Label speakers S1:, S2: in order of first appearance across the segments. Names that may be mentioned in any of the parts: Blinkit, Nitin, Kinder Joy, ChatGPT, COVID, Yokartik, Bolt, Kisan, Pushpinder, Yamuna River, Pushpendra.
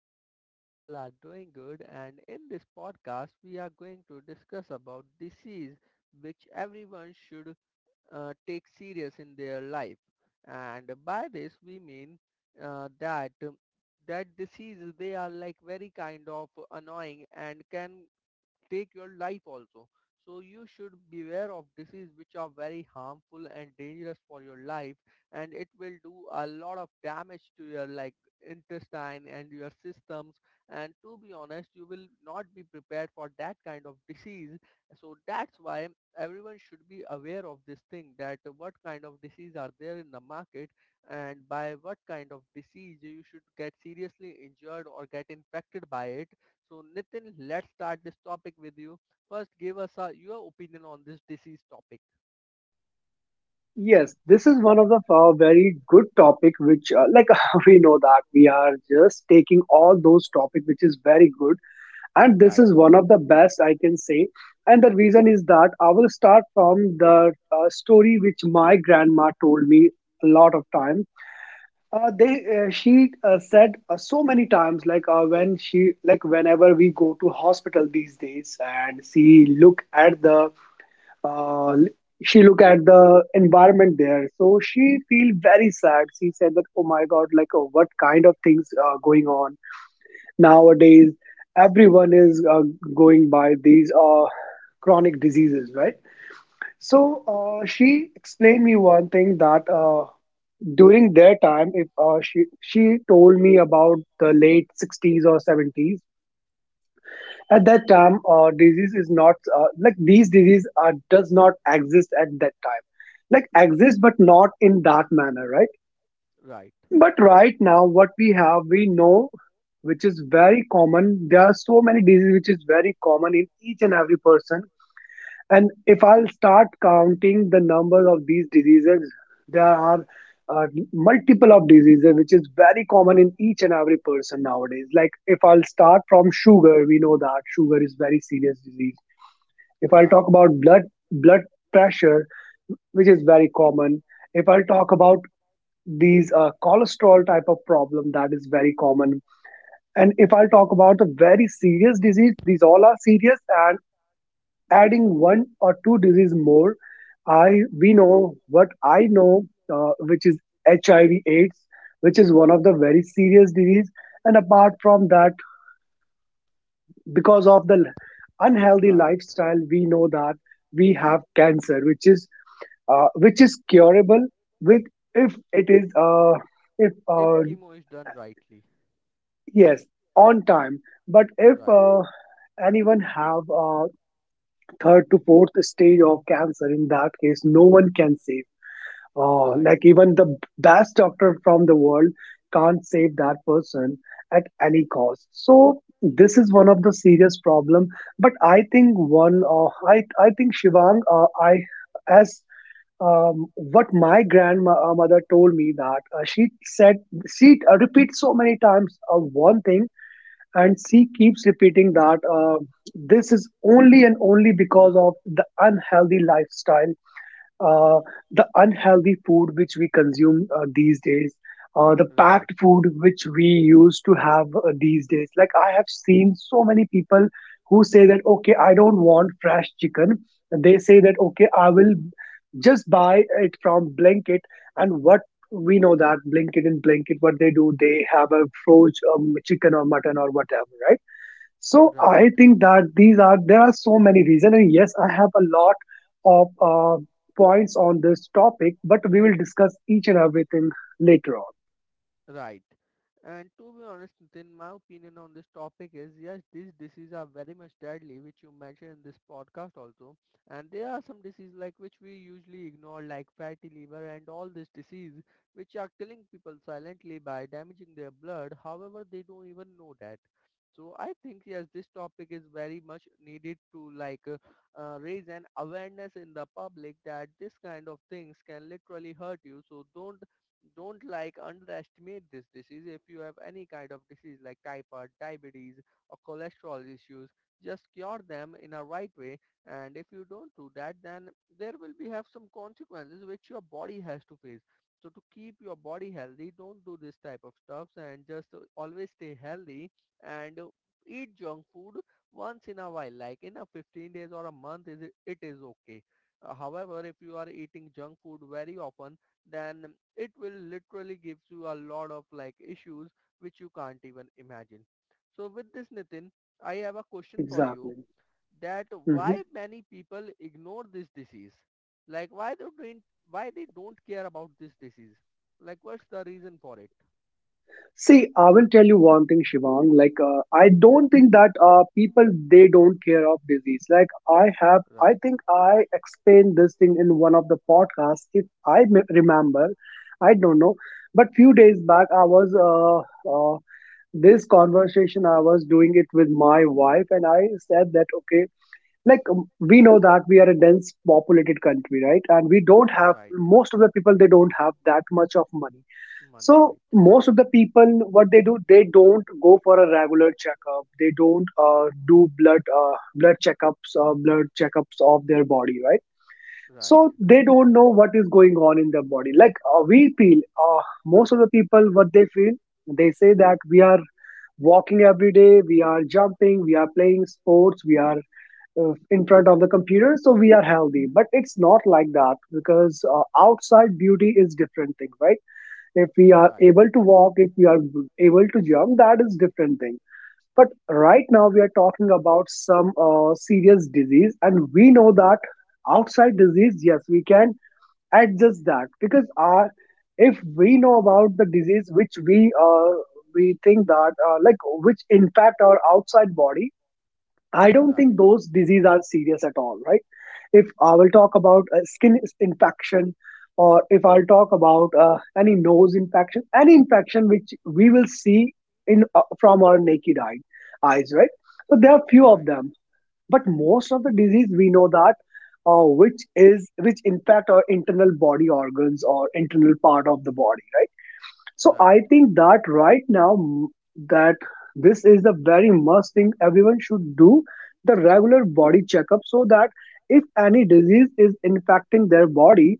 S1: And hope you all are doing good, and in this podcast we are going to discuss about disease which everyone should take serious in their life. And by this we mean uh, that um, that diseases, they are like very kind of annoying and can take your life also. So you should beware of diseases which are very harmful and dangerous for your life, and it will do a lot of damage to your like intestine and your systems. And to be honest, you will not be prepared for that kind of disease, so that's why everyone should be aware of this thing, that what kind of disease are there in the market and by what kind of disease you should get seriously injured or get infected by it. So Nitin, let's start this topic with you. First, give us a, your opinion on this disease topic.
S2: Yes, this is one of the very good topic which like we know that we are just taking all those topic which is very good and this
S1: Right.
S2: is one of the best I can say and the reason is that I will start from the story which my grandma told me a lot of time. They She said so many times like when she like whenever we go to hospital these days and she look at the uh, she look at the environment there so she feel very sad she said that oh my god like oh, what kind of things are going on nowadays everyone is going by these chronic diseases right so she explained me one thing that during their time if she told me about the late 60s or 70s at that
S1: Okay.
S2: time, disease is not like these disease are does not exist at that time, like exist but not in that manner, right?
S1: Right.
S2: But right now, what we have, we know, which is very common. There are so many diseases which is very common in each and every person. And if I'll start counting the number of these diseases, there are uh, multiple of diseases which is very common in each and every person nowadays. Like if I'll start from sugar, we know that sugar is very serious disease if I'll talk
S1: Right.
S2: about blood pressure, which is very common. If I'll talk about these cholesterol type of problem, that is very common. And if I'll talk about the very serious disease, these all are serious. And adding one or two disease more, I we know what I know, which is HIV/AIDS, which is one of the very serious disease. And apart from that, because of the unhealthy
S1: Right.
S2: lifestyle, we know that we have cancer, which is curable with if it is if
S1: If chemo is done rightly.
S2: yes on time but if
S1: Right.
S2: anyone have third to fourth stage of cancer in that case no one can save
S1: Right.
S2: like even the best doctor from the world can't save that person at any cost so this is one of the serious problem but I think one I I think Shivang, I as what my grandmother told me that she said she repeats so many times one thing and she keeps repeating that this is only and only because of the unhealthy lifestyle, uh, the unhealthy food which we consume these days, the packed
S1: Right.
S2: food which we used to have these days. Like I have seen so many people who say that, okay, I don't want fresh chicken. They say that, okay, I will just buy it from Blinkit. And what we know that Blinkit and Blinkit, what they do, they have a frozen chicken or mutton or whatever, right? So
S1: Right.
S2: I think that these are there are so many reasons, and yes, I have a lot of points on this topic, but we will discuss each and everything later on.
S1: Right. And to be honest, Nitin, my opinion on this topic is yes, these diseases are very much deadly, which you mentioned in this podcast also. And there are some diseases like which we usually ignore, like fatty liver and all these diseases, which are killing people silently by damaging their blood. However, they don't even know that. So I think yes, this topic is very much needed to like raise an awareness in the public that this kind of things can literally hurt you. So don't like underestimate this disease. If you have any kind of disease like typhoid, diabetes or cholesterol issues, just cure them in a right way. And if you don't do that, then there will be have some consequences which your body has to face. So to keep your body healthy, don't do this type of stuffs and just always stay healthy and eat junk food once in a while, like in a 15 days or a month is it is okay. However, if you are eating junk food very often, then it will literally gives you a lot of like issues which you can't even imagine. So with this Nitin, I have a question for you
S2: Exactly.
S1: that
S2: Hmm.
S1: why many people ignore this disease? Like why they don't care about this disease? Like what's the reason for it?
S2: See, I will tell you one thing, Shivang. Like, I don't think that people they don't care of disease. Like, I have, I
S1: Right.
S2: think I explained this thing in one of the podcasts. If remember, I don't know, but few days back I was this conversation I was doing it with my wife and I said that okay like, we know that we are a dense populated country right and we don't have
S1: Right.
S2: most of the people they don't have that much of money
S1: Money
S2: so
S1: right.
S2: most of the people what they do they don't go for a regular checkup they don't do blood checkups of their body right
S1: Right.
S2: so they don't know what is going on in their body like we feel most of the people what they feel they say that we are walking every day we are jumping we are playing sports we are in front of the computer so we are healthy but it's not like that because outside beauty is different thing right if we are
S1: Right.
S2: able to walk if we are able to jump that is different thing but right now we are talking about some serious disease and we know that outside disease yes we can at just that because if we know about the disease which we think that like which impact our outside body I don't
S1: Right.
S2: think those diseases are serious at all right if I will talk about infection or if I'll talk about any nose infection any infection which we will see in from our eyes right so there are few of
S1: Right.
S2: them but most of the disease we know that which is which impact our internal body organs or internal part of the body right so
S1: Right.
S2: I think that right now that this is the very must thing everyone should do the regular body checkup so that if any disease is infecting their body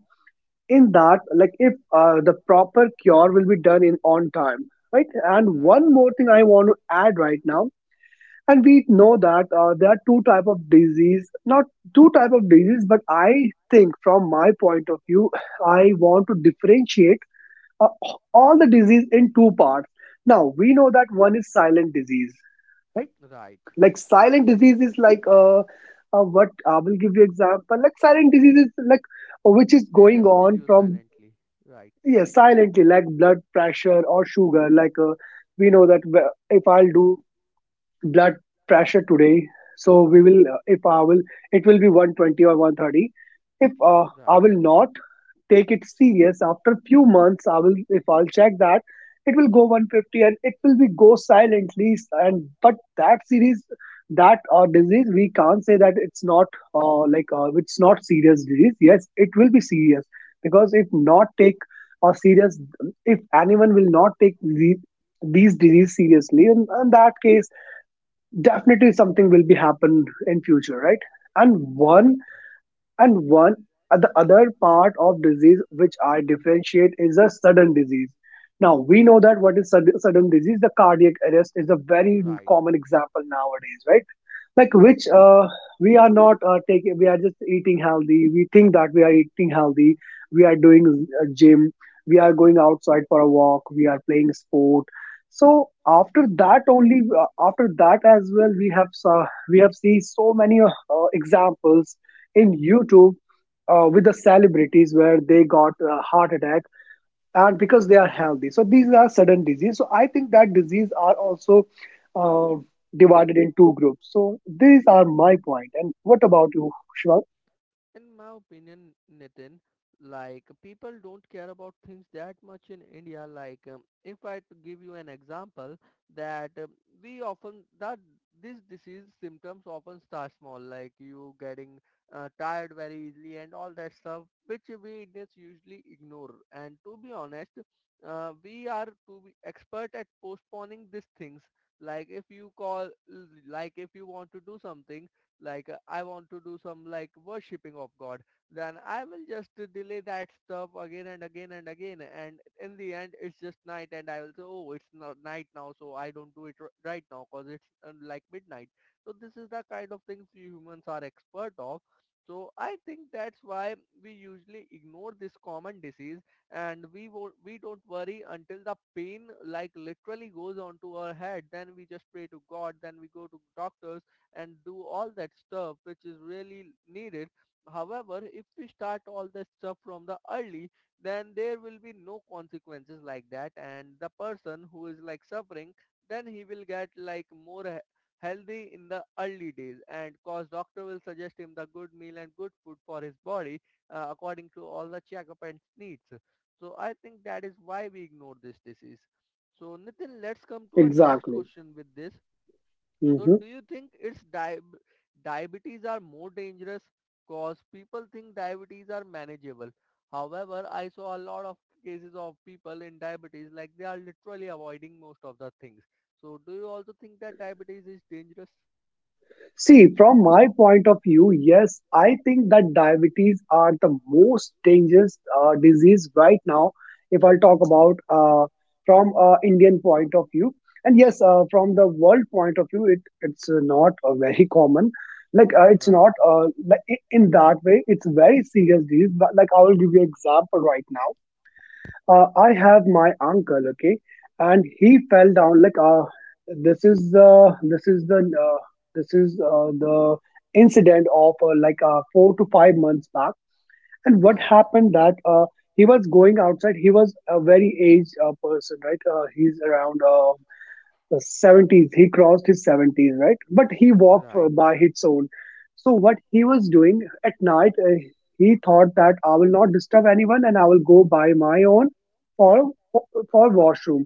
S2: in that like if the proper cure will be done in on time right and
S1: Right.
S2: one more thing I want to add right now and we know that there are two type of disease not two type of disease but I think from my point of view I want to differentiate uh, all the disease in two parts now we know that one is silent disease right
S1: Right.
S2: like silent disease is like what I will give you example like silent disease is like which is
S1: They
S2: going
S1: just kill
S2: on
S1: you
S2: from
S1: silently. Right.
S2: yeah silently like blood pressure or sugar like we know that if I'll do blood pressure today so we will if I will it will be 120 or 130 if I
S1: Right.
S2: will not take it serious after few months I will if I'll check that it will go 150 and it will be go silently and but that series that disease we can't say that it's not like it's not serious disease yes it will be serious because if not take or serious if anyone will not take these disease seriously and in that case definitely something will be happen in future right and one
S1: Right.
S2: and one and the other part of disease which I differentiate is a sudden disease now we know that what is sudden disease the cardiac arrest is a very
S1: Right.
S2: common example nowadays right like which we are not taking we are just eating healthy we think that we are eating healthy we are doing a gym we are going outside for a walk we are playing sport so after that only after that as well we have seen so many examples in YouTube with the celebrities where they got a heart attack and because they are healthy. So these are sudden disease. So I think that disease are also uh, divided in two groups. So these are my point. And what about you, Shwag?
S1: In my opinion, Nitin, like people don't care about things that much in India. Like if I to give you an example, that we often that this disease symptoms often start small, like you getting tired very easily and all that stuff, which we Indians usually ignore. And to be honest, we are to be expert at postponing these things. Like if you call, like if you want to do something like I want to do some like worshipping of God, then I will just delay that stuff again and again and again. And in the end, it's just night and I will say, oh, it's not night now, so I don't do it right now because it's like midnight. So this is the kind of things we humans are expert of. So I think that's why we usually ignore this common disease, and we don't worry until the pain like literally goes onto our head. Then we just pray to God. Then we go to doctors and do all that stuff which is really needed. However, if we start all that stuff from the early, then there will be no consequences like that. And the person who is like suffering, then he will get like more healthy in the early days, and cause doctor will suggest him the good meal and good food for his body according to all the checkup and needs. So I think that is why we ignore this disease. So Nitin, let's come to our
S2: Exactly.
S1: next question with this.
S2: Mhm.
S1: So do you think diabetes are more dangerous? Cause people think diabetes are manageable. However, I saw a lot of cases of people in diabetes like they are literally avoiding most of the things. So do you also think that diabetes is dangerous?
S2: See, from my point of view, yes, I think that diabetes are the most dangerous disease right now. If I'll talk
S1: Okay.
S2: about from Indian point of view, and yes, from the world point of view, it's not very common. Like it's
S1: Right.
S2: not like in that way, it's very serious disease. But like I will give you example right now, I have my uncle, okay, and he fell down. Like, this is the this is the uh, this is the incident of like 4 to 5 months back. And what
S1: Right.
S2: happened that he was going outside. He was a very aged person, right? He's around the 70s he crossed his 70s right but he walked
S1: Right.
S2: by his own so what he was doing at night, he thought that I will not disturb anyone and I will go by my own for for, for washroom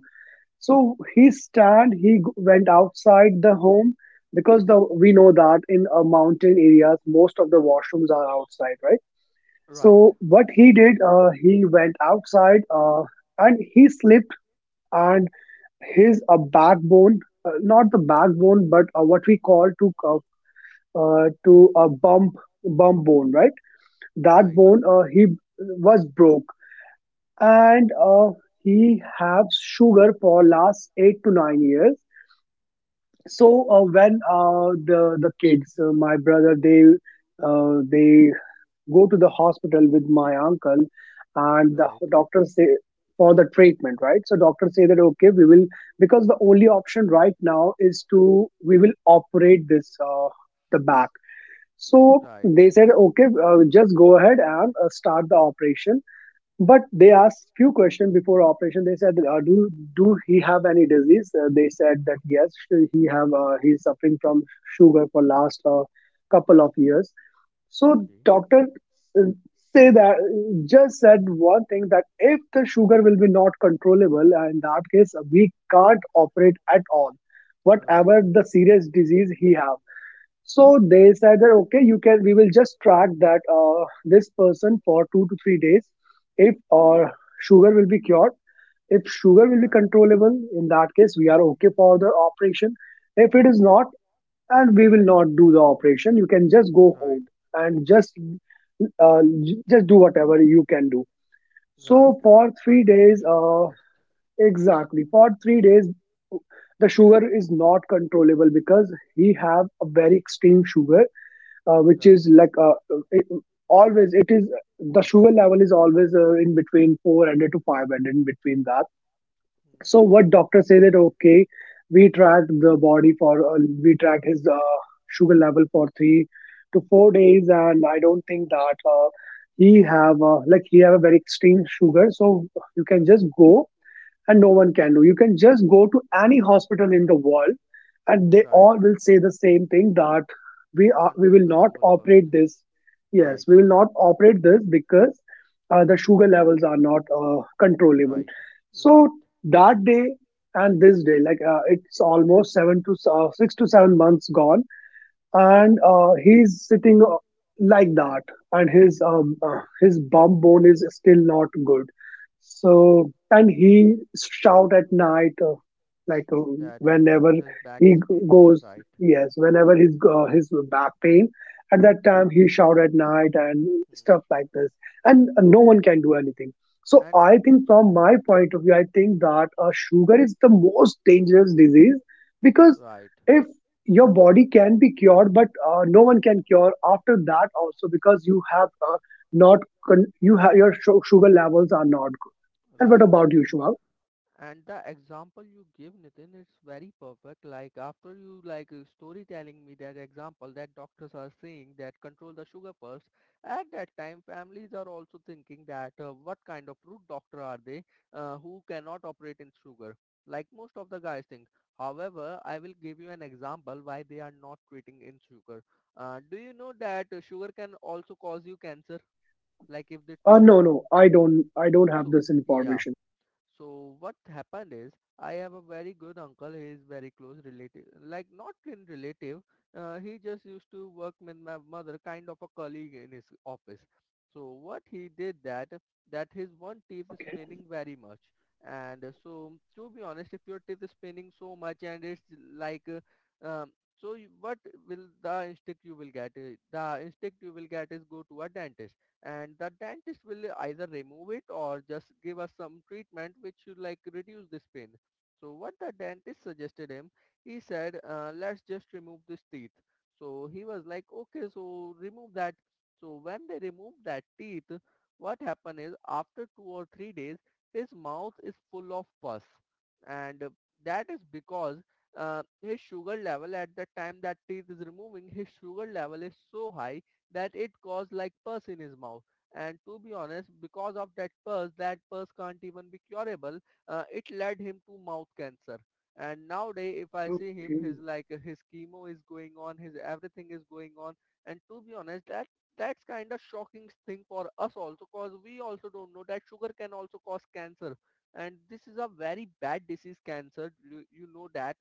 S2: so he stand he went outside the home because the we know that in mountain areas most of the washrooms are outside right
S1: Right.
S2: so what he did he went outside and he slipped and his a backbone, not the backbone, but what we call to to a bump bone, right? That
S1: Right.
S2: bone he was broke, and he has sugar for last 8 to 9 years. So when the kids, my brother, they go to the hospital with my uncle, and the
S1: Right.
S2: doctor say for the treatment, right? So doctors say that okay, we will, because the only option right now is to, we will operate this, the back. So
S1: Right.
S2: they said okay, just go ahead and start the operation. But they asked few questions before operation. They said do he have any disease? They said that yes, he is suffering from sugar for last couple of years. So
S1: Okay.
S2: doctor uh, say that just said one thing, that if the sugar will be not controllable, in that case we can't operate at all,
S1: Right.
S2: whatever the serious disease he have. So they said that okay, you can, we will just track that this person for 2 to 3 days. If sugar will be cured, if sugar will be
S1: Right.
S2: controllable, in that case we are okay for the operation. If it is not, and we will not do the operation, you can just go home
S1: Right.
S2: and just just do whatever you can do. So
S1: Right.
S2: for 3
S1: Control the
S2: days
S1: sugar first.
S2: exactly for 3 days the sugar is not controllable, because he have a very extreme sugar, which
S1: Right.
S2: is like it, always it is, the sugar level is always in between 400 to 500, in between that.
S1: Hmm.
S2: So what doctor say that okay, we track the body for we track his sugar level for 3 to 4 days, and I don't think that he have like he have a very extreme sugar. So you can just go, and no one can do. You can just go to any hospital in the world and they
S1: Right.
S2: all will say the same thing, that we
S1: Control
S2: will
S1: the
S2: not
S1: sugar first.
S2: operate this. Yes,
S1: Right,
S2: we will not operate this, because the sugar levels are not controllable.
S1: right,
S2: So
S1: right,
S2: that day and this day, like it's almost 7 to 6 to 7 months gone, and
S1: right.
S2: he's sitting like that. And his bum bone is still not good. So and he shout at night, like uh,
S1: That
S2: whenever
S1: his back is paining.
S2: goes,
S1: Right.
S2: yes, whenever his back pain, at that time he shout at night and
S1: Hmm.
S2: stuff like this, and no one can do anything. So
S1: And
S2: I think from my
S1: right,
S2: point of view, I think that sugar is the most dangerous disease, because
S1: right,
S2: if your body can be cured, but no one can cure after that also, because you have not con- you have your sugar levels are not good. And what
S1: right.
S2: about you, Shubham?
S1: And the example you give, Nitin, it's very perfect. Like after you like storytelling me that example that doctors are saying that control the sugar first. At that time, families are also thinking that what kind of rude doctor are they who cannot operate in sugar? Like most of the guys think. However, I will give you an example why they are not treating in sugar. Do you know that sugar can also cause you cancer? Like if they
S2: uh,
S1: treat
S2: no no i don't i don't have
S1: so
S2: this
S1: yeah
S2: information.
S1: so what happened is I have a very good uncle. He is very close relative, like not in relative. He just used to work with my mother, kind of a colleague in his office. So what he did that that his one teeth is
S2: Okay.
S1: paining very much, and so to be honest, if your teeth is paining so much and it's like so you, what will the instinct you will get? The instinct you will get is go to a dentist, and the dentist will either remove it or just give us some treatment which should like reduce this pain. So what the dentist suggested him, he said, let's just remove this teeth. So he was like, okay, so remove that. So when they remove that teeth, what happened is after 2 or 3 days, his mouth is full of pus. And that is because his sugar level at the time that teeth is removing, his sugar level is so high that it caused like pus in his mouth. And to be honest, because of that pus can't even be curable. It led him to mouth cancer. And nowadays, if I see him, his
S2: Okay.
S1: like his chemo is going on, his everything is going on. And to be honest, that that's kind of shocking thing for us also, cause we also don't know that sugar can also cause cancer. And this is a very bad disease, cancer. You know that,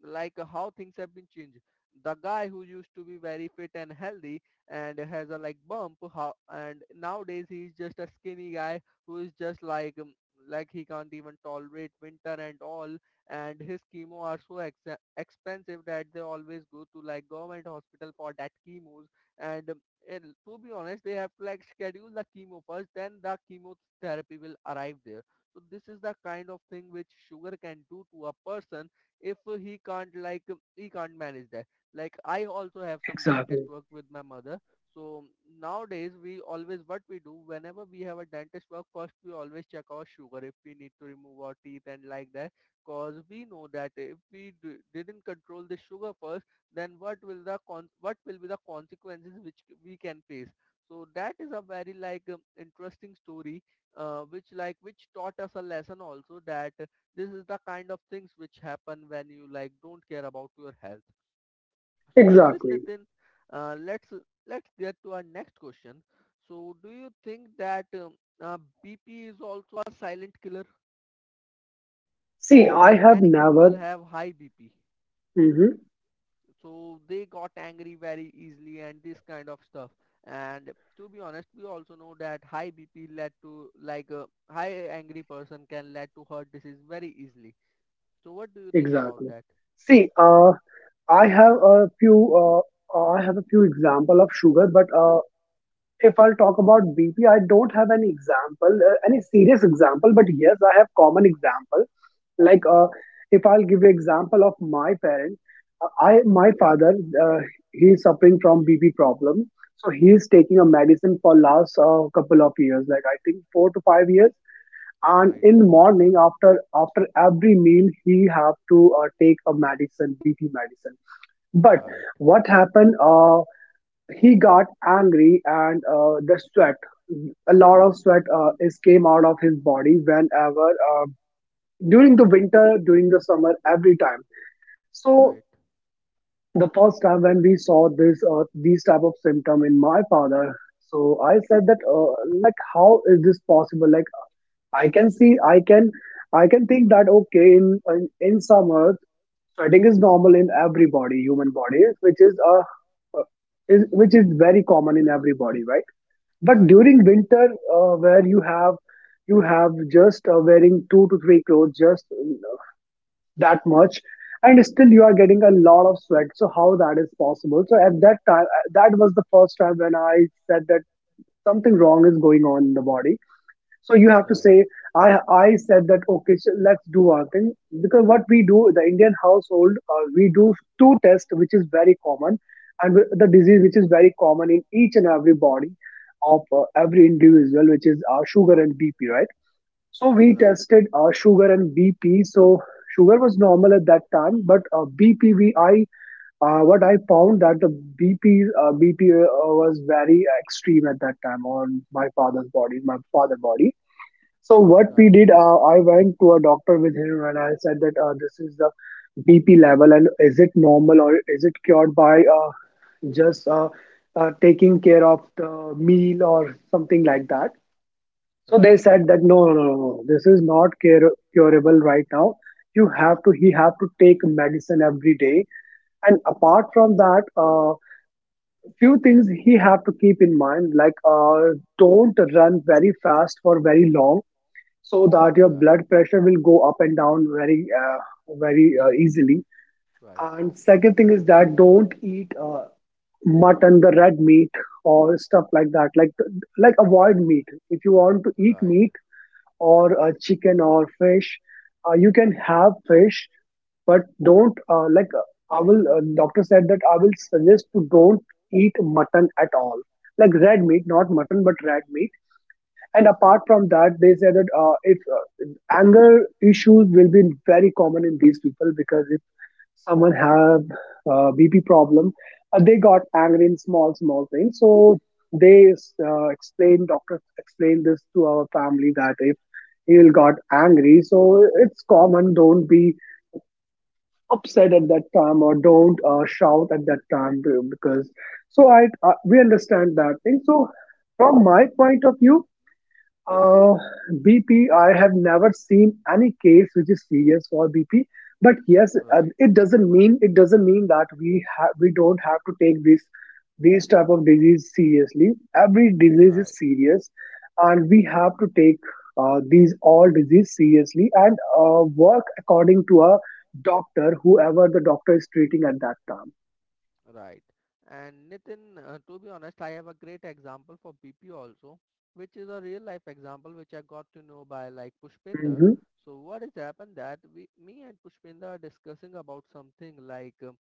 S1: like how things have been changed, the guy who used to be very fit and healthy and has a like bump how, and nowadays he's just a skinny guy who is just like he can't even tolerate winter and all. And his chemo are so expensive that they always go to like government hospital for that chemos, and um, and to be honest they have to like schedule the chemo first, then the chemotherapy will arrive there. So this is the kind of thing which sugar can do to a person if he can't like he can't manage that. Like I also have some dentist
S2: Exactly.
S1: work with my mother, so nowadays we always what we do whenever we have a dentist work, first we always check our sugar if we need to remove our teeth and like that, cause we know that if we didn't control the sugar first, then what will what will be the consequences which we can face. So that is a very like interesting story which like which taught us a lesson also that this is the kind of things which happen when you like don't care about your health. So with this,
S2: Exactly.
S1: Nitin, uh, let's let's get to our next question. So do you think that uh, BP is also a silent killer?
S2: see i
S1: Like
S2: have
S1: many
S2: never
S1: people have high BP,
S2: Mhm.
S1: so they got angry very easily and this kind of stuff. And to be honest, we also know that high BP led to like a high angry person can lead to heart disease very easily. So what do you think about
S2: Exactly.
S1: that?
S2: see I have a few I have a few example of sugar, but if I'll talk about BP, I don't have any example, any serious example, but yes, I have common example. Like if I'll give you example of my parents, I my father
S1: Right,
S2: uh, he is suffering from BP problem, so he is taking a medicine for last couple of years, like I think 4 to 5 years. And
S1: right,
S2: in morning after every meal, he have to take a medicine, BP medicine. But
S1: right,
S2: what happened? He got angry, and the sweat a lot of sweat is came out of his body whenever during the winter, during the summer, every time. So
S1: right,
S2: the first time when we saw this these type of symptom in my father, so I said that like how is this possible? Like I can see, I can, I can think that okay, in summer sweating is normal in every body, human body, which uh, is which is very common in everybody, right? But
S1: right,
S2: during winter, where you have, you have just wearing two to three clothes, just that much, and still you are getting a lot of sweat, so how that is possible? So at that time, that was the first time when I said that something wrong is going on in the body. So you have to
S1: right,
S2: say, I said that okay, so let's do one thing, because what we do, the Indian household, we do two tests which is very common, the disease which is very common in each and every body of every individual, which is sugar and BP, right? So we
S1: right,
S2: tested sugar and BP. So sugar was normal at that time, but uh, BP we I uh, what I found that the BP uh, BP was very extreme at that time on my father's body, my father body. So what we
S1: right.
S2: did, I went to a doctor with him and I said that this is the BP level, and is it normal, or is it cured by just taking care of the meal or something like that? So they
S1: Right,
S2: said that no, no, no, no, no, this is not curable right now. You have to, he have to take medicine every day. And apart from that, few things he have to keep in mind, like don't run very fast for very long, so that your
S1: right,
S2: blood pressure will go up and down very
S1: easily,
S2: easily.
S1: right,
S2: And second thing is that don't eat mutton, the red meat, or stuff like that, like avoid meat. If you want to eat
S1: right,
S2: meat, or chicken or fish, you can have fish, but don't like I will doctor said that I will suggest to don't eat mutton at all, like red meat, not mutton but red meat. And apart from that, they said that if anger issues will be very common in these people, because if someone have BP problem, they got angry in small small things. So they explained doctor explained this to our family, that if he'll got angry, so it's common. Don't be upset at that time, or don't shout at that time, because so I we understand that thing. So from my point of view, uh, BP, I have never seen any case which is serious for BP. But yes,
S1: right,
S2: it doesn't mean, it doesn't mean that we don't have to take this these type of disease seriously. Every disease is
S1: right,
S2: serious, and we have to take these all disease seriously, and work according to a doctor, whoever the doctor is treating at that time.
S1: right. And Nitin, to be honest, I have a great example for BP also, which is a real life example which I got to know by like Pushpinder.
S2: Hmm.
S1: So what has happened that me and Pushpinder are discussing about something um,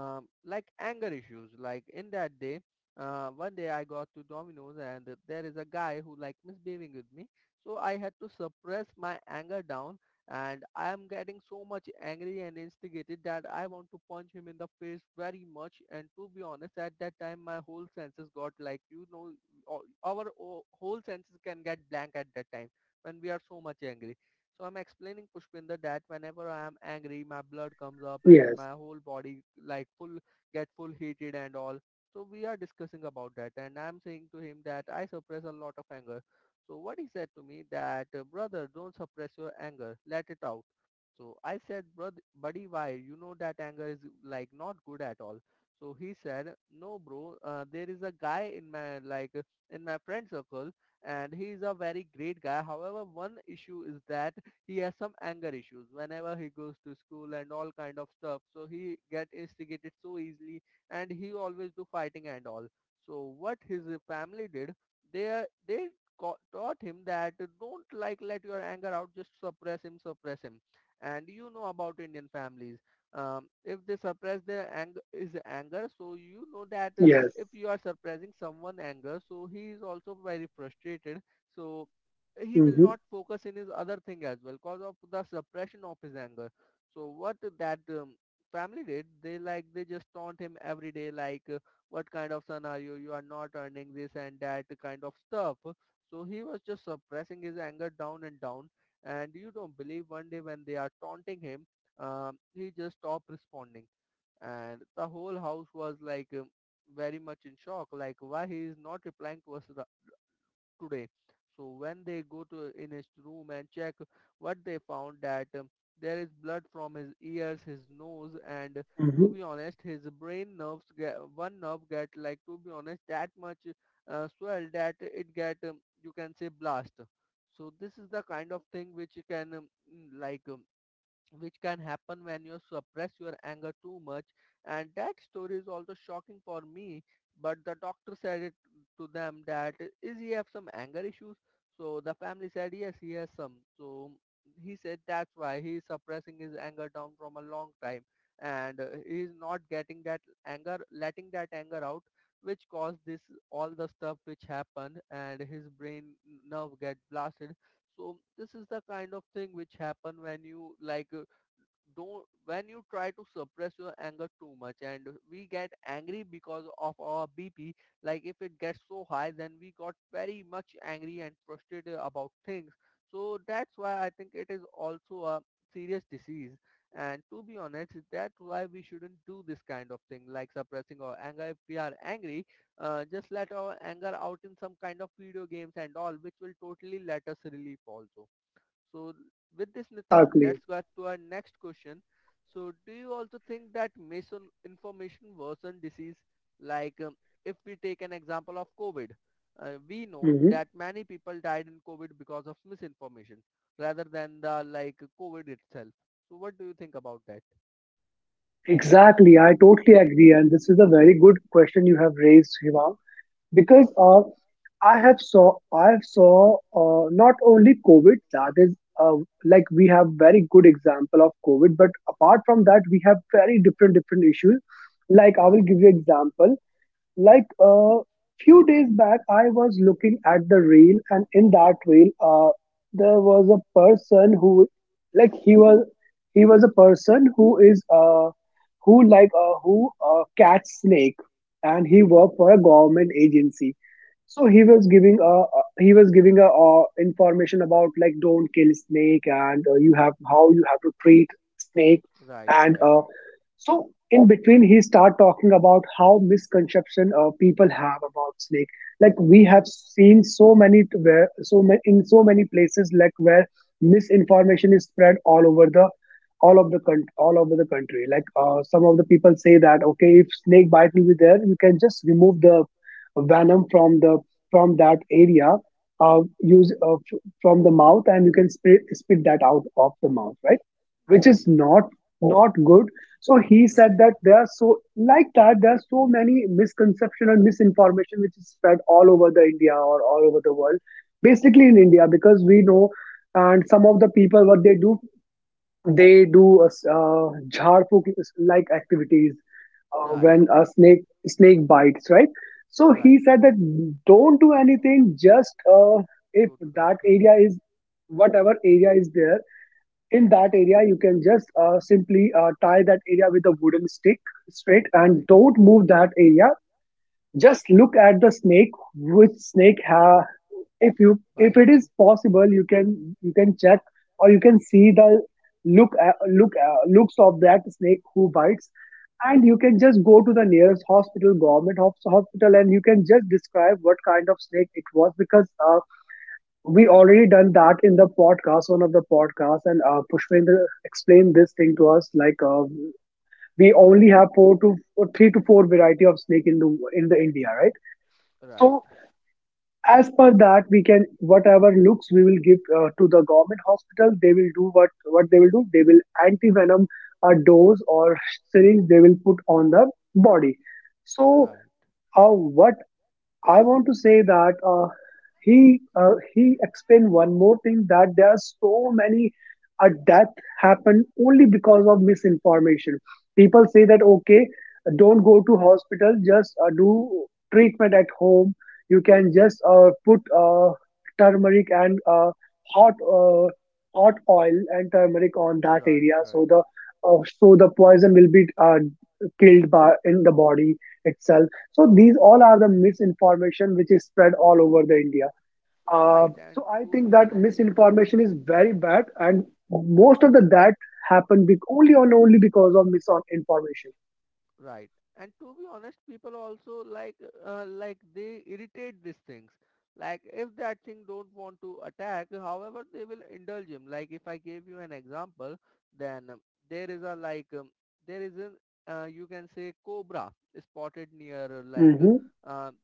S1: um, like anger issues. Like in that day, one day I got to Domino's, and there is a guy who like misbehaving with me. So I had to suppress my anger down, and I am getting so much angry and instigated that I want to punch him in the face very much. And to be honest, at that time my whole senses got like our whole senses can get blank at that time when we are so much angry. So I'm explaining Pushpinder that whenever I am angry my blood comes up and
S2: Yes,
S1: my whole body like full get full heated and all. So we are discussing about that, and I'm saying to him that I suppress a lot of anger. So what he said to me that, brother, don't suppress your anger, let it out. So I said, brother, buddy, why? You know that anger is like not good at all. So he said, no, bro, there is a guy in my in my friend circle, and he is a very great guy. However, one issue is that he has some anger issues whenever he goes to school and all kind of stuff. So he get instigated so easily, and he always do fighting and all. So what his family did, they taught him that don't like let your anger out, just suppress him, suppress him. And you know about Indian families. If they suppress their anger is anger, so you know that
S2: yes.
S1: if you are suppressing someone anger, so he is also very frustrated. So he will
S2: Hmm.
S1: not focus in his other thing as well because of the suppression of his anger. So what that family did, they like they just taunt him every day like what kind of son are you? You are not earning this and that kind of stuff. So he was just suppressing his anger down and down. And you don't believe one day when they are taunting him, he just stopped responding. And the whole house was like very much in shock, like why he is not replying to us today. So when they go to in his room and check what they found that there is blood from his ears, his nose, and to
S2: Hmm.
S1: be honest his brain nerves get, one nerve get like, to be honest, that much swell that it get you can say blast. So this is the kind of thing which you can which can happen when you suppress your anger too much. And that story is also shocking for me, but the doctor said it to them that is he have some anger issues. So the family said yes he has some. So he said that's why he is suppressing his anger down from a long time, and he is not getting that anger, letting that anger out, which caused this all the stuff which happened and his brain nerve get blasted. So this is the kind of thing which happen when you don't when you try to suppress your anger too much. And we get angry because of our BP, like if it gets so high then we got very much angry and frustrated about things. So that's why I think it is also a serious disease. And to be honest, that's why we shouldn't do this kind of thing like suppressing our anger. If we are angry, just let our anger out in some kind of video games and all, which will totally let us relief also. So with this, Nitin,
S2: Exactly.
S1: let's go to our next question. So do you also think that misinformation worsen disease? Like if we take an example of COVID, we know that many people died in COVID because of misinformation rather than the like COVID itself. So what do you think about that?
S2: Exactly. I totally agree. And this is a very good question you have raised, Hima, because I have saw not only COVID, that is like we have very good example of COVID, but apart from that, we have very different different issues. Like I will
S1: Right.
S2: give you example, like a few days back I was looking at the reel, and in that reel, there was a person who like he was a person who catch snake, and he worked for a government agency. So he
S1: Okay.
S2: was giving a, information about, like, don't kill snake, and you have, how you have to treat snake.
S1: Right.
S2: And
S1: Right.
S2: so in between, he start talking about how misconception people have about snake. Like we have seen so many in so many places like where misinformation is spread all over the, all of the all over the country. Like some of the people say that okay, if snake bite will be there, you can just remove the venom from the from that area. From the mouth, and you can spit that out of the mouth, right? Which
S1: Right.
S2: is not, not good. So he said
S1: Right.
S2: that there are so, like that there are so many misconception and misinformation which is spread all over the India or all over the world. Basically in India, because we know. And some of the people, what they do, they do a jhar phuk like activities
S1: Right.
S2: when a snake snake bites, right? So he
S1: Right.
S2: said that don't do anything, just if
S1: Go to
S2: that
S1: doctor.
S2: area is, whatever area is there, in that area you can just simply tie that area with a wooden stick, straight, and
S1: Right.
S2: don't move that area. Just look at the snake, which if, you if
S1: Bite
S2: it
S1: you.
S2: is possible you can, you can check, or you can see the look a look a looks of that snake who bites, and you can just go to the nearest hospital, government hospital, and you can just describe what kind of snake it was, because we already done that in the podcast, one of the podcasts, and Pushpendra explained this thing to us. Like we only have four to or three to four variety of snake in the India, right?
S1: Right.
S2: So as per that, we can whatever looks we will give to the government hospital. They will do what they will do. They will anti venom a dose or syringe they will put on the body. So.
S1: Right.
S2: How? What I want to say that he explained one more thing that there are so many a death happen only because of misinformation. People say that okay, don't go to hospital, just do treatment at home. You can just put turmeric and hot uh, hot oil and turmeric on that
S1: Right.
S2: area, so
S1: Right.
S2: the so the poison will be killed by in the body itself, so these all are the misinformation which is spread all over the India. Uh,
S1: Right, and
S2: so I
S1: to
S2: think
S1: be
S2: that
S1: honest,
S2: misinformation is very bad, and most of the that happen only because of misinformation.
S1: right, and to be honest, people also like they irritate these things. Like if that thing don't want to attack, however, they will indulge him. Like if I gave you an example, then there is a like there is an you can say cobra spotted near
S2: Mm-hmm,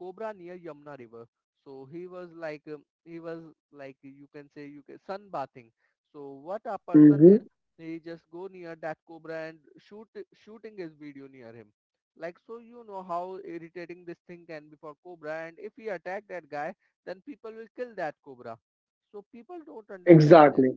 S1: cobra near Yamuna River. So he was like you can say you can sunbathing. So what a person
S2: mm-hmm.
S1: did, he just go near that cobra and shooting his video near him. Like, so you know how irritating this thing can be for cobra, and if he attack that guy then people will kill that cobra. So people don't understand this.
S2: Exactly,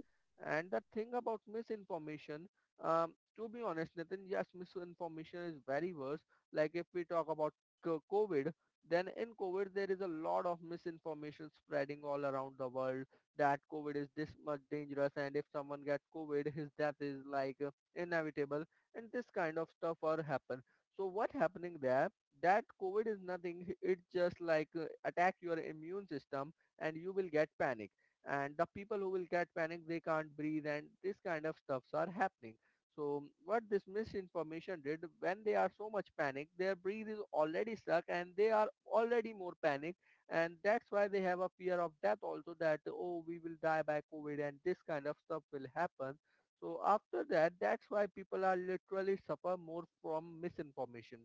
S1: And the thing about misinformation, to be honest Nathan, yes misinformation is very worse. Like if we talk about COVID, then in COVID there is a lot of misinformation spreading all around the world that COVID is this much dangerous and if someone gets COVID, his death is like inevitable, and this kind of stuff are happen. So what happening there? That COVID is nothing. It just like attack your immune system and you will get panic. And the people who will get panic, they can't breathe, and this kind of stuffs are happening. So what this misinformation did, when they are so much panic, their breath is already stuck and they are already more panic, and that's why they have a fear of death also, that oh we will die by covid and this kind of stuff will happen. So after that, that's why people are literally suffer more from misinformation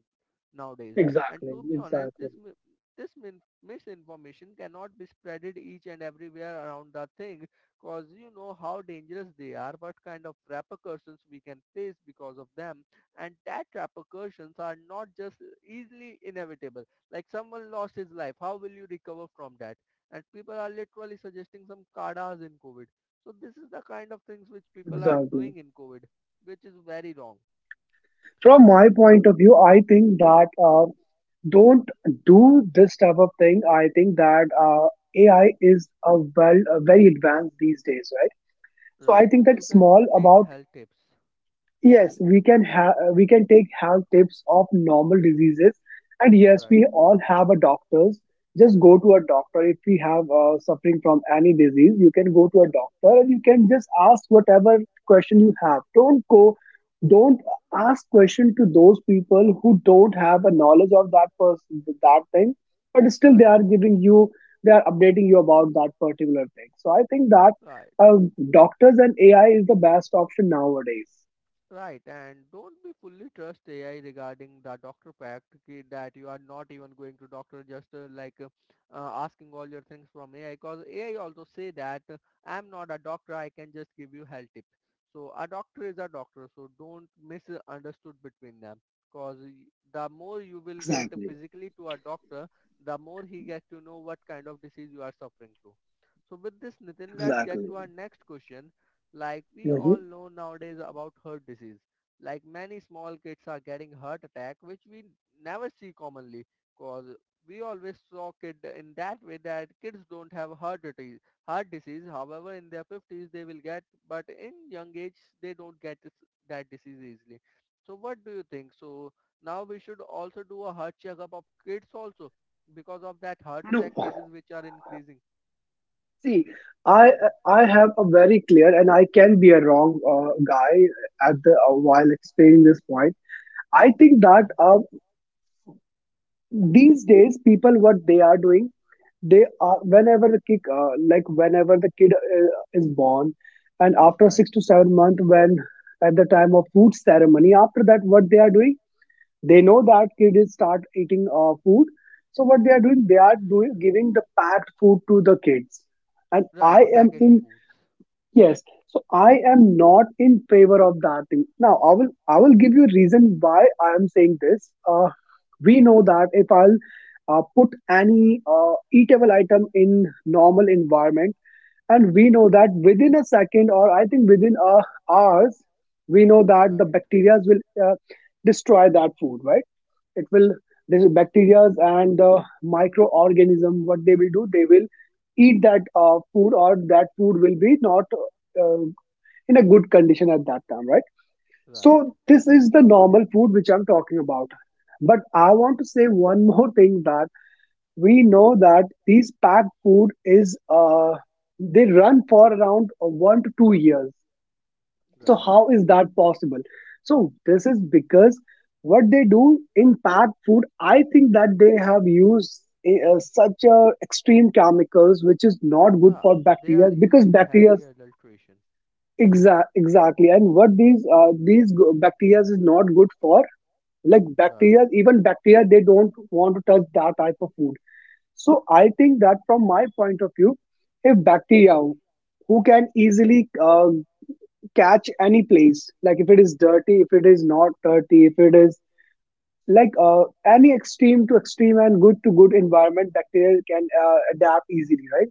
S1: nowadays. And
S2: exactly,
S1: to be honest
S2: exactly,
S1: this misinformation cannot be spreaded each and everywhere around the thing, because you know how dangerous they are, what kind of repercussions we can face because of them. And that repercussions are not just easily inevitable. Like someone lost his life, how will you recover from that? And people are literally suggesting some kadas in COVID. So this is the kind of things which people are
S2: exactly.
S1: doing in COVID, which is very wrong.
S2: From my point of view, I think that don't do this type of thing. I think that AI is a well a very advanced these days, right? So I
S1: Right.
S2: think that
S1: You can
S2: small
S1: take
S2: about.
S1: health tips.
S2: Yes, we can take health tips of normal diseases, and yes,
S1: Right.
S2: we all have a doctors. Just go to a doctor if we have suffering from any disease. You can go to a doctor and you can just ask whatever question you have. Don't go, don't ask question to those people who don't have a knowledge of that person that thing, but still
S1: Right.
S2: they are updating you about that particular thing. So I think that
S1: Right.
S2: uh, doctors and AI is the best option nowadays.
S1: Right, and don't be fully trust AI regarding the doctor pact that you are not even going to doctor, just asking all your things from AI, because AI also say that I'm not a doctor, I can just give you health tips. So a doctor is a doctor, so don't misunderstood between them, because the more you will get
S2: Exactly,
S1: physically to a doctor, the more he gets to know what kind of disease you are suffering through. So with this, Nitin, let's get
S2: exactly.
S1: to our next question. Like we
S2: Hmm.
S1: all know nowadays about heart disease. Like many small kids are getting heart attack, which we never see commonly, cause we always saw kid in that way that kids don't have heart disease. Heart disease, however, in their 50s they will get, but in young age they don't get this, that disease easily. So what do you think? So now we should also do a heart checkup of kids also because of that heart
S2: No,
S1: attack cases which are increasing.
S2: see, I I have a very clear, and I can be a wrong guy at the while explaining this point. I think that
S1: Okay.
S2: these days people what they are doing, they are whenever the kid is born, and after
S1: Right.
S2: 6 to 7 month when at the time of food ceremony, after that what they are doing, they know that kids start eating food, so what they are doing giving the packed food to the kids. And I
S1: Right.
S2: am
S1: Packaged
S2: in
S1: foods.
S2: Yes, so I am not in favor of that thing. Now I will, give you a reason why I am saying this. We know that if I'll put any eatable item in normal environment, and we know that within a second, or I think within hours, we know that the
S1: Right.
S2: bacteria will uh, destroy that food, right? It will, the bacteria and the microorganism, what they will do, they will eat that food, or that food will be not uh, in a good condition at that time, right?
S1: Right,
S2: So this is the normal food which I'm talking about, but I want to say one more thing, that we know that these packed food is, they run for around 1 to 2 years. So
S1: right.
S2: how is that possible? So this is because, what they do in packed food, I think that they have used such a extreme chemicals which is not good
S1: Yeah,
S2: for
S1: they
S2: bacteria,
S1: are
S2: because
S1: using
S2: bacteria.
S1: heavy adulteration.
S2: Exactly. And what these bacteria is not good for, like
S1: Right,
S2: bacteria, even bacteria, they don't want to touch that type of food. So I think that from my point of view, if bacteria who can easily uh, catch any place, like if it is dirty, if it is not dirty, if it is like any extreme to extreme and good to good environment, bacteria can adapt easily, right?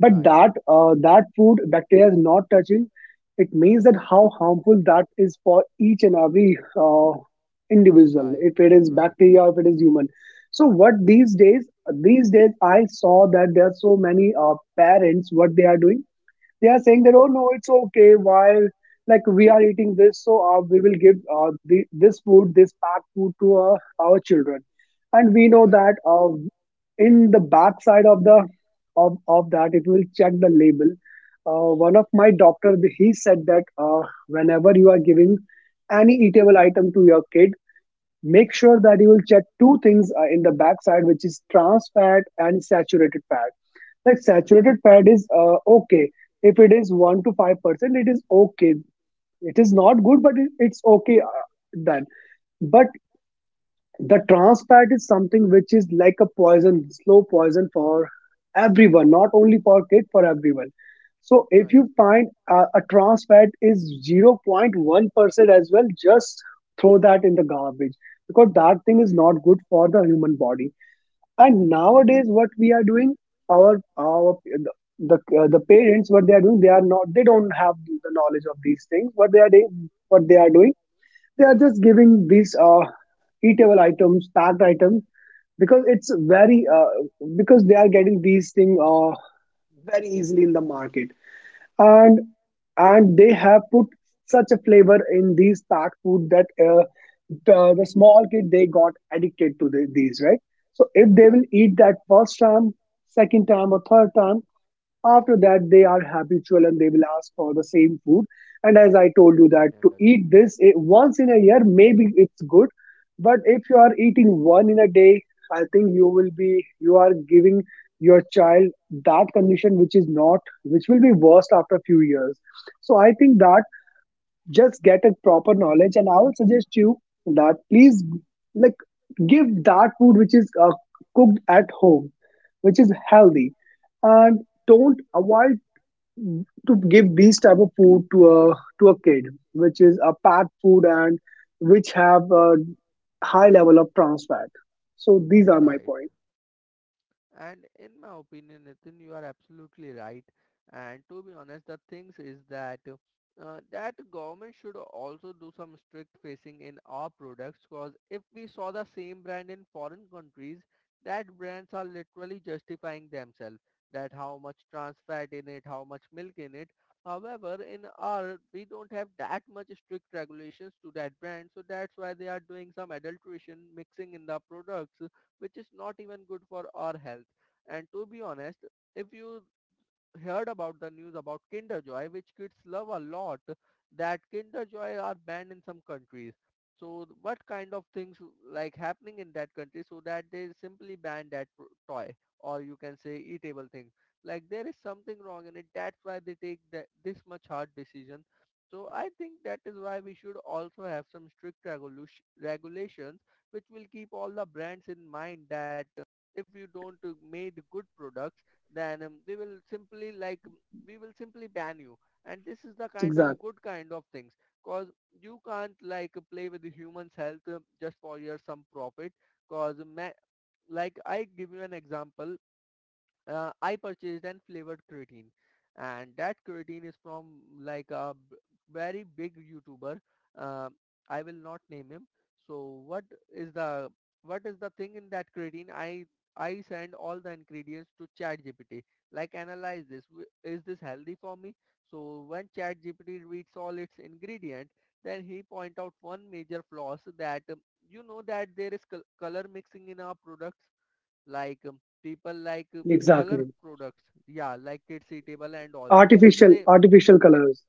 S2: But
S1: right.
S2: that food bacteria is not touching. It means that how harmful that is for each and every uh, individual,
S1: Guy,
S2: if it is
S1: right,
S2: bacteria, if it is human. So what these days, I saw that there are so many parents, what they are doing, they are saying that oh no, it's okay, while like we are eating this, so we will give the, this food this packed food to our children. And we know
S1: right,
S2: that in the back side of the of that, if you will check the label, one of my doctor he said that whenever you are giving any eatable item to your kid, make sure that you will check two things in the back side, which is trans fat and saturated fat. Like saturated
S1: right,
S2: fat is okay. If it is 1 to 5%, it is okay. It is not good, but it's okay then. But the trans fat is something which is like a poison, slow poison for everyone, not only for kids, for everyone. So if
S1: right,
S2: you find a trans fat is 0.1% as well, just throw that in the garbage because that thing is
S1: right,
S2: not good for the human body. And nowadays, what we are doing, our our the the parents, what they are doing, they are not, they don't have the knowledge of these things. What they are doing, they are just giving these eatable items, packed items, because it's very, because they are getting these things very easily in the market. And and they have put such a flavor in these packed food that the small kid they got addicted to these, right? So if they will
S1: right.
S2: eat that first time, second time or third time, after that, they are habitual and they will ask for the same food. And as I told you,
S1: Again
S2: that to
S1: and again,
S2: eat
S1: right,
S2: this once in a year, maybe it's good. But if you are eating one in a day, I think you will be, you are giving your child that condition which is not, which will be worst after a few years. So I think that just get a proper knowledge, and I would suggest you that please, like, give that food which is cooked at home, which is healthy, and don't avoid to give these type of food to a kid, which is a packed food and which have a high level of trans fat. So these are my
S1: right.
S2: points.
S1: And in my opinion, Nitin, you are absolutely right. And to be honest, the things is that that government should also do some strict facing in our products, because if we saw the same brand in foreign countries, that brands are literally justifying themselves, that how much trans fat in it, how much milk in it. However, in our, we don't have that much strict regulations to that brand. So that's why they are doing some adulteration mixing in the products, which is not even good for our health. And to be honest, if you heard about the news about Kinder Joy, which kids love a lot, that Kinder Joy are banned in some countries. So what kind of things like happening in that country so that they simply ban that toy, or you can say eatable thing. Like there is something wrong in it, that's why they take that this much hard decision. So I think that is why we should also have some strict regulation, regulations, which will keep all the brands in mind that if you don't made good products, then they will simply like we will simply ban you. And this is the kind of
S2: Exactly,
S1: good kind of things, cause you can't like play with the human's health just for your some profit. Cause like I give you an example, I purchased an flavored creatine, and that creatine is from like a very big YouTuber. Uh, I will not name him. So is the what is the thing in that creatine? I send all the ingredients to ChatGPT. Like analyze this. Is this healthy for me? So when ChatGPT reads all its ingredient, then he point out one major flaws that you know that there is color mixing in our products like people like color
S2: exactly.
S1: products, yeah, like kids eatable and all, so say
S2: Artificial colors.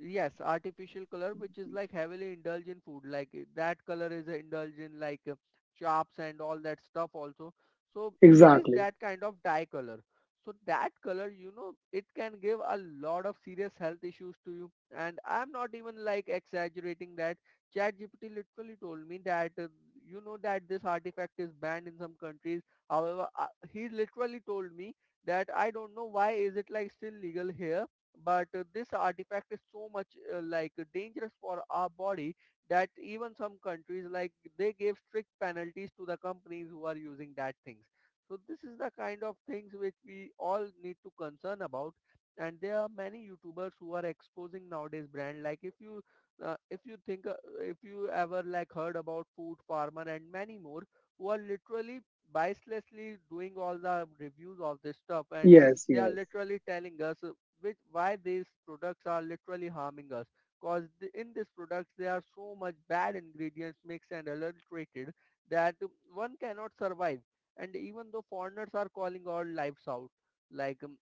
S1: yes, artificial color, which is like heavily indulged in food. Like that color is indulged in like chops and all that stuff also. So it is
S2: Exactly,
S1: that kind of dye color. So that color, you know, it can give a lot of serious health issues to you. And I'm not even like exaggerating that. ChatGPT literally told me that you know that this artifact is banned in some countries. However, he literally told me that I don't know why is it like still legal here, but this artifact is so much like dangerous for our body, that even some countries, like, they gave strict penalties to the companies who are using that things. So this is the kind of things which we all need to concern about. And there are many youtubers who are exposing nowadays brand, like if you think, if you ever like heard about food farmer and many more, who are literally biaslessly doing all the reviews of this stuff, and
S2: yes,
S1: they are
S2: yes.
S1: literally telling us, which why these products are literally harming us. Because in these products there are so much bad ingredients mixed and adulterated that one cannot survive. And even though foreigners are calling all lives out, like um,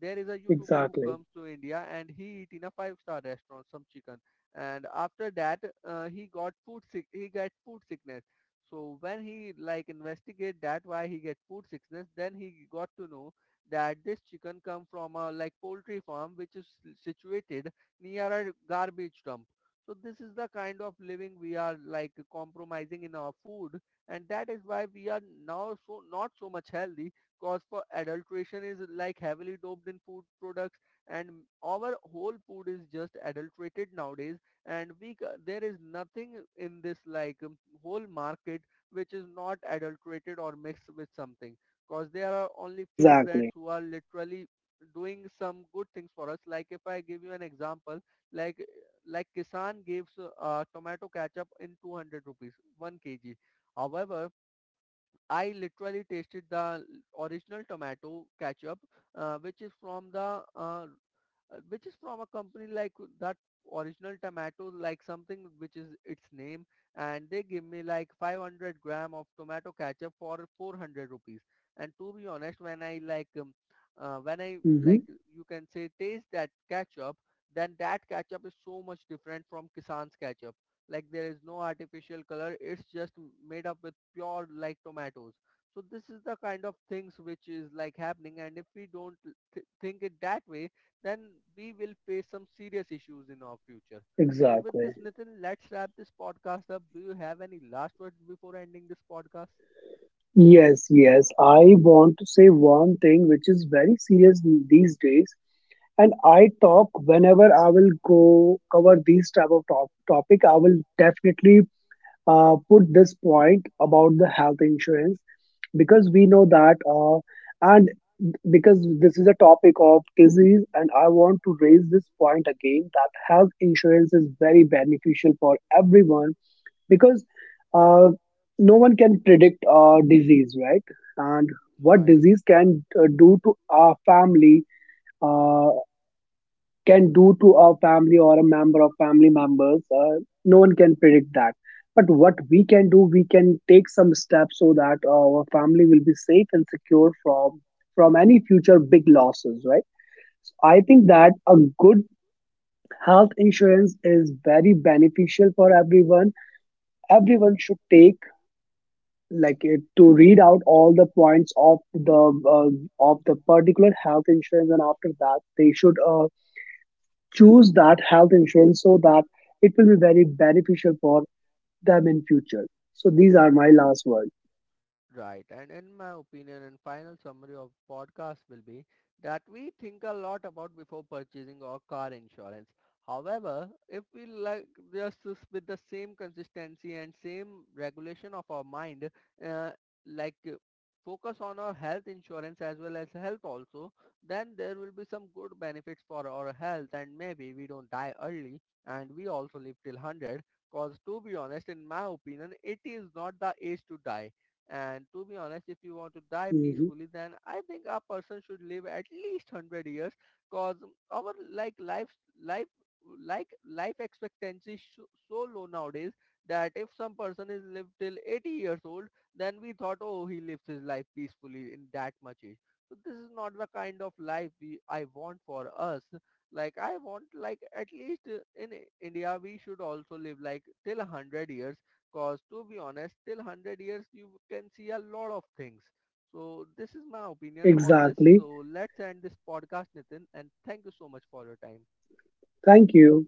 S1: there is a YouTuber who
S2: Exactly,
S1: comes to India and he eat in a five-star restaurant some chicken, and after that he got food sick. He got food sickness. So when he like investigate that why he get food sickness, then he got to know that this chicken come from a like poultry farm which is situated near a garbage dump. So this is the kind of living we are like compromising in our food, and that is why we are now so not so much healthy, cause for adulteration is like heavily doped in food products, and our whole food is just adulterated nowadays, and we, there is nothing in this like whole market which is not adulterated or mixed with something. Cause there are only few
S2: exactly.
S1: brands who are literally doing some good things for us. Like if I give you an example, like like Kisan gives tomato ketchup in 200 rupees, 1 kg. However, I literally tasted the original tomato ketchup, which is from the which is from a company like that, original tomato like something which is its name, and they give me like 500 gram of tomato ketchup for 400 rupees. And to be honest, when I like when I like,
S2: Mhm.
S1: you can say, taste that ketchup, then that ketchup is so much different from kisan's ketchup. Like there is no artificial color, it's just made up with pure like tomatoes. So this is the kind of things which is like happening, and if we don't think it that way, then we will face some serious issues in our future. So with
S2: Exactly.
S1: this, Nitin, let's wrap this podcast up. Do you have any last words before ending this podcast?
S2: Yes, yes. I want to say one thing which is very serious these days, and
S1: Hmm.
S2: I talk whenever I will go cover these type of topic. I will definitely put this point about the health insurance, because we
S1: Okay.
S2: know that, and because this is a topic of disease, and I want to raise this point again that health insurance is very beneficial for everyone, because uh, no one can predict disease, right? And what
S1: Right.
S2: disease can do to our family, uh, can do to our family or a member of family members, no one can predict that. But what we can do, we can take some steps so that our family will be safe and secure from any future big losses, right? So, I think that a good health insurance is very beneficial for everyone. Everyone should take like it to read out all the points of the particular health insurance, and after that they should choose that health insurance so that it will be very beneficial for them in future. So these are my last words.
S1: Right. And in my opinion, and final summary of podcast will be that we think a lot about before purchasing our car insurance. However, if we like just with the same consistency and same regulation of our mind, uh, like uh, focus on our health insurance as well as health also, then there will be some good benefits for our health, and maybe we don't die early and we also live till 100. Because to be honest, in my opinion, it is not the age to die. And to be honest, if you want to die
S2: Mhm.
S1: peacefully, then I think a person should live at least 100 years, because our like life, like life expectancy is so so low nowadays, that if some person is lived till 80 years old, then we thought, oh, he lives his life peacefully in that much age. So this is not the kind of life I want for us. Like I want, like at least in India, we should also live like till 100 years. Cause to be honest, till 100 years you can see a lot of things. So this is my opinion on this.
S2: Exactly.
S1: So let's end this podcast, Nitin, and thank you so much for your time.
S2: Thank you.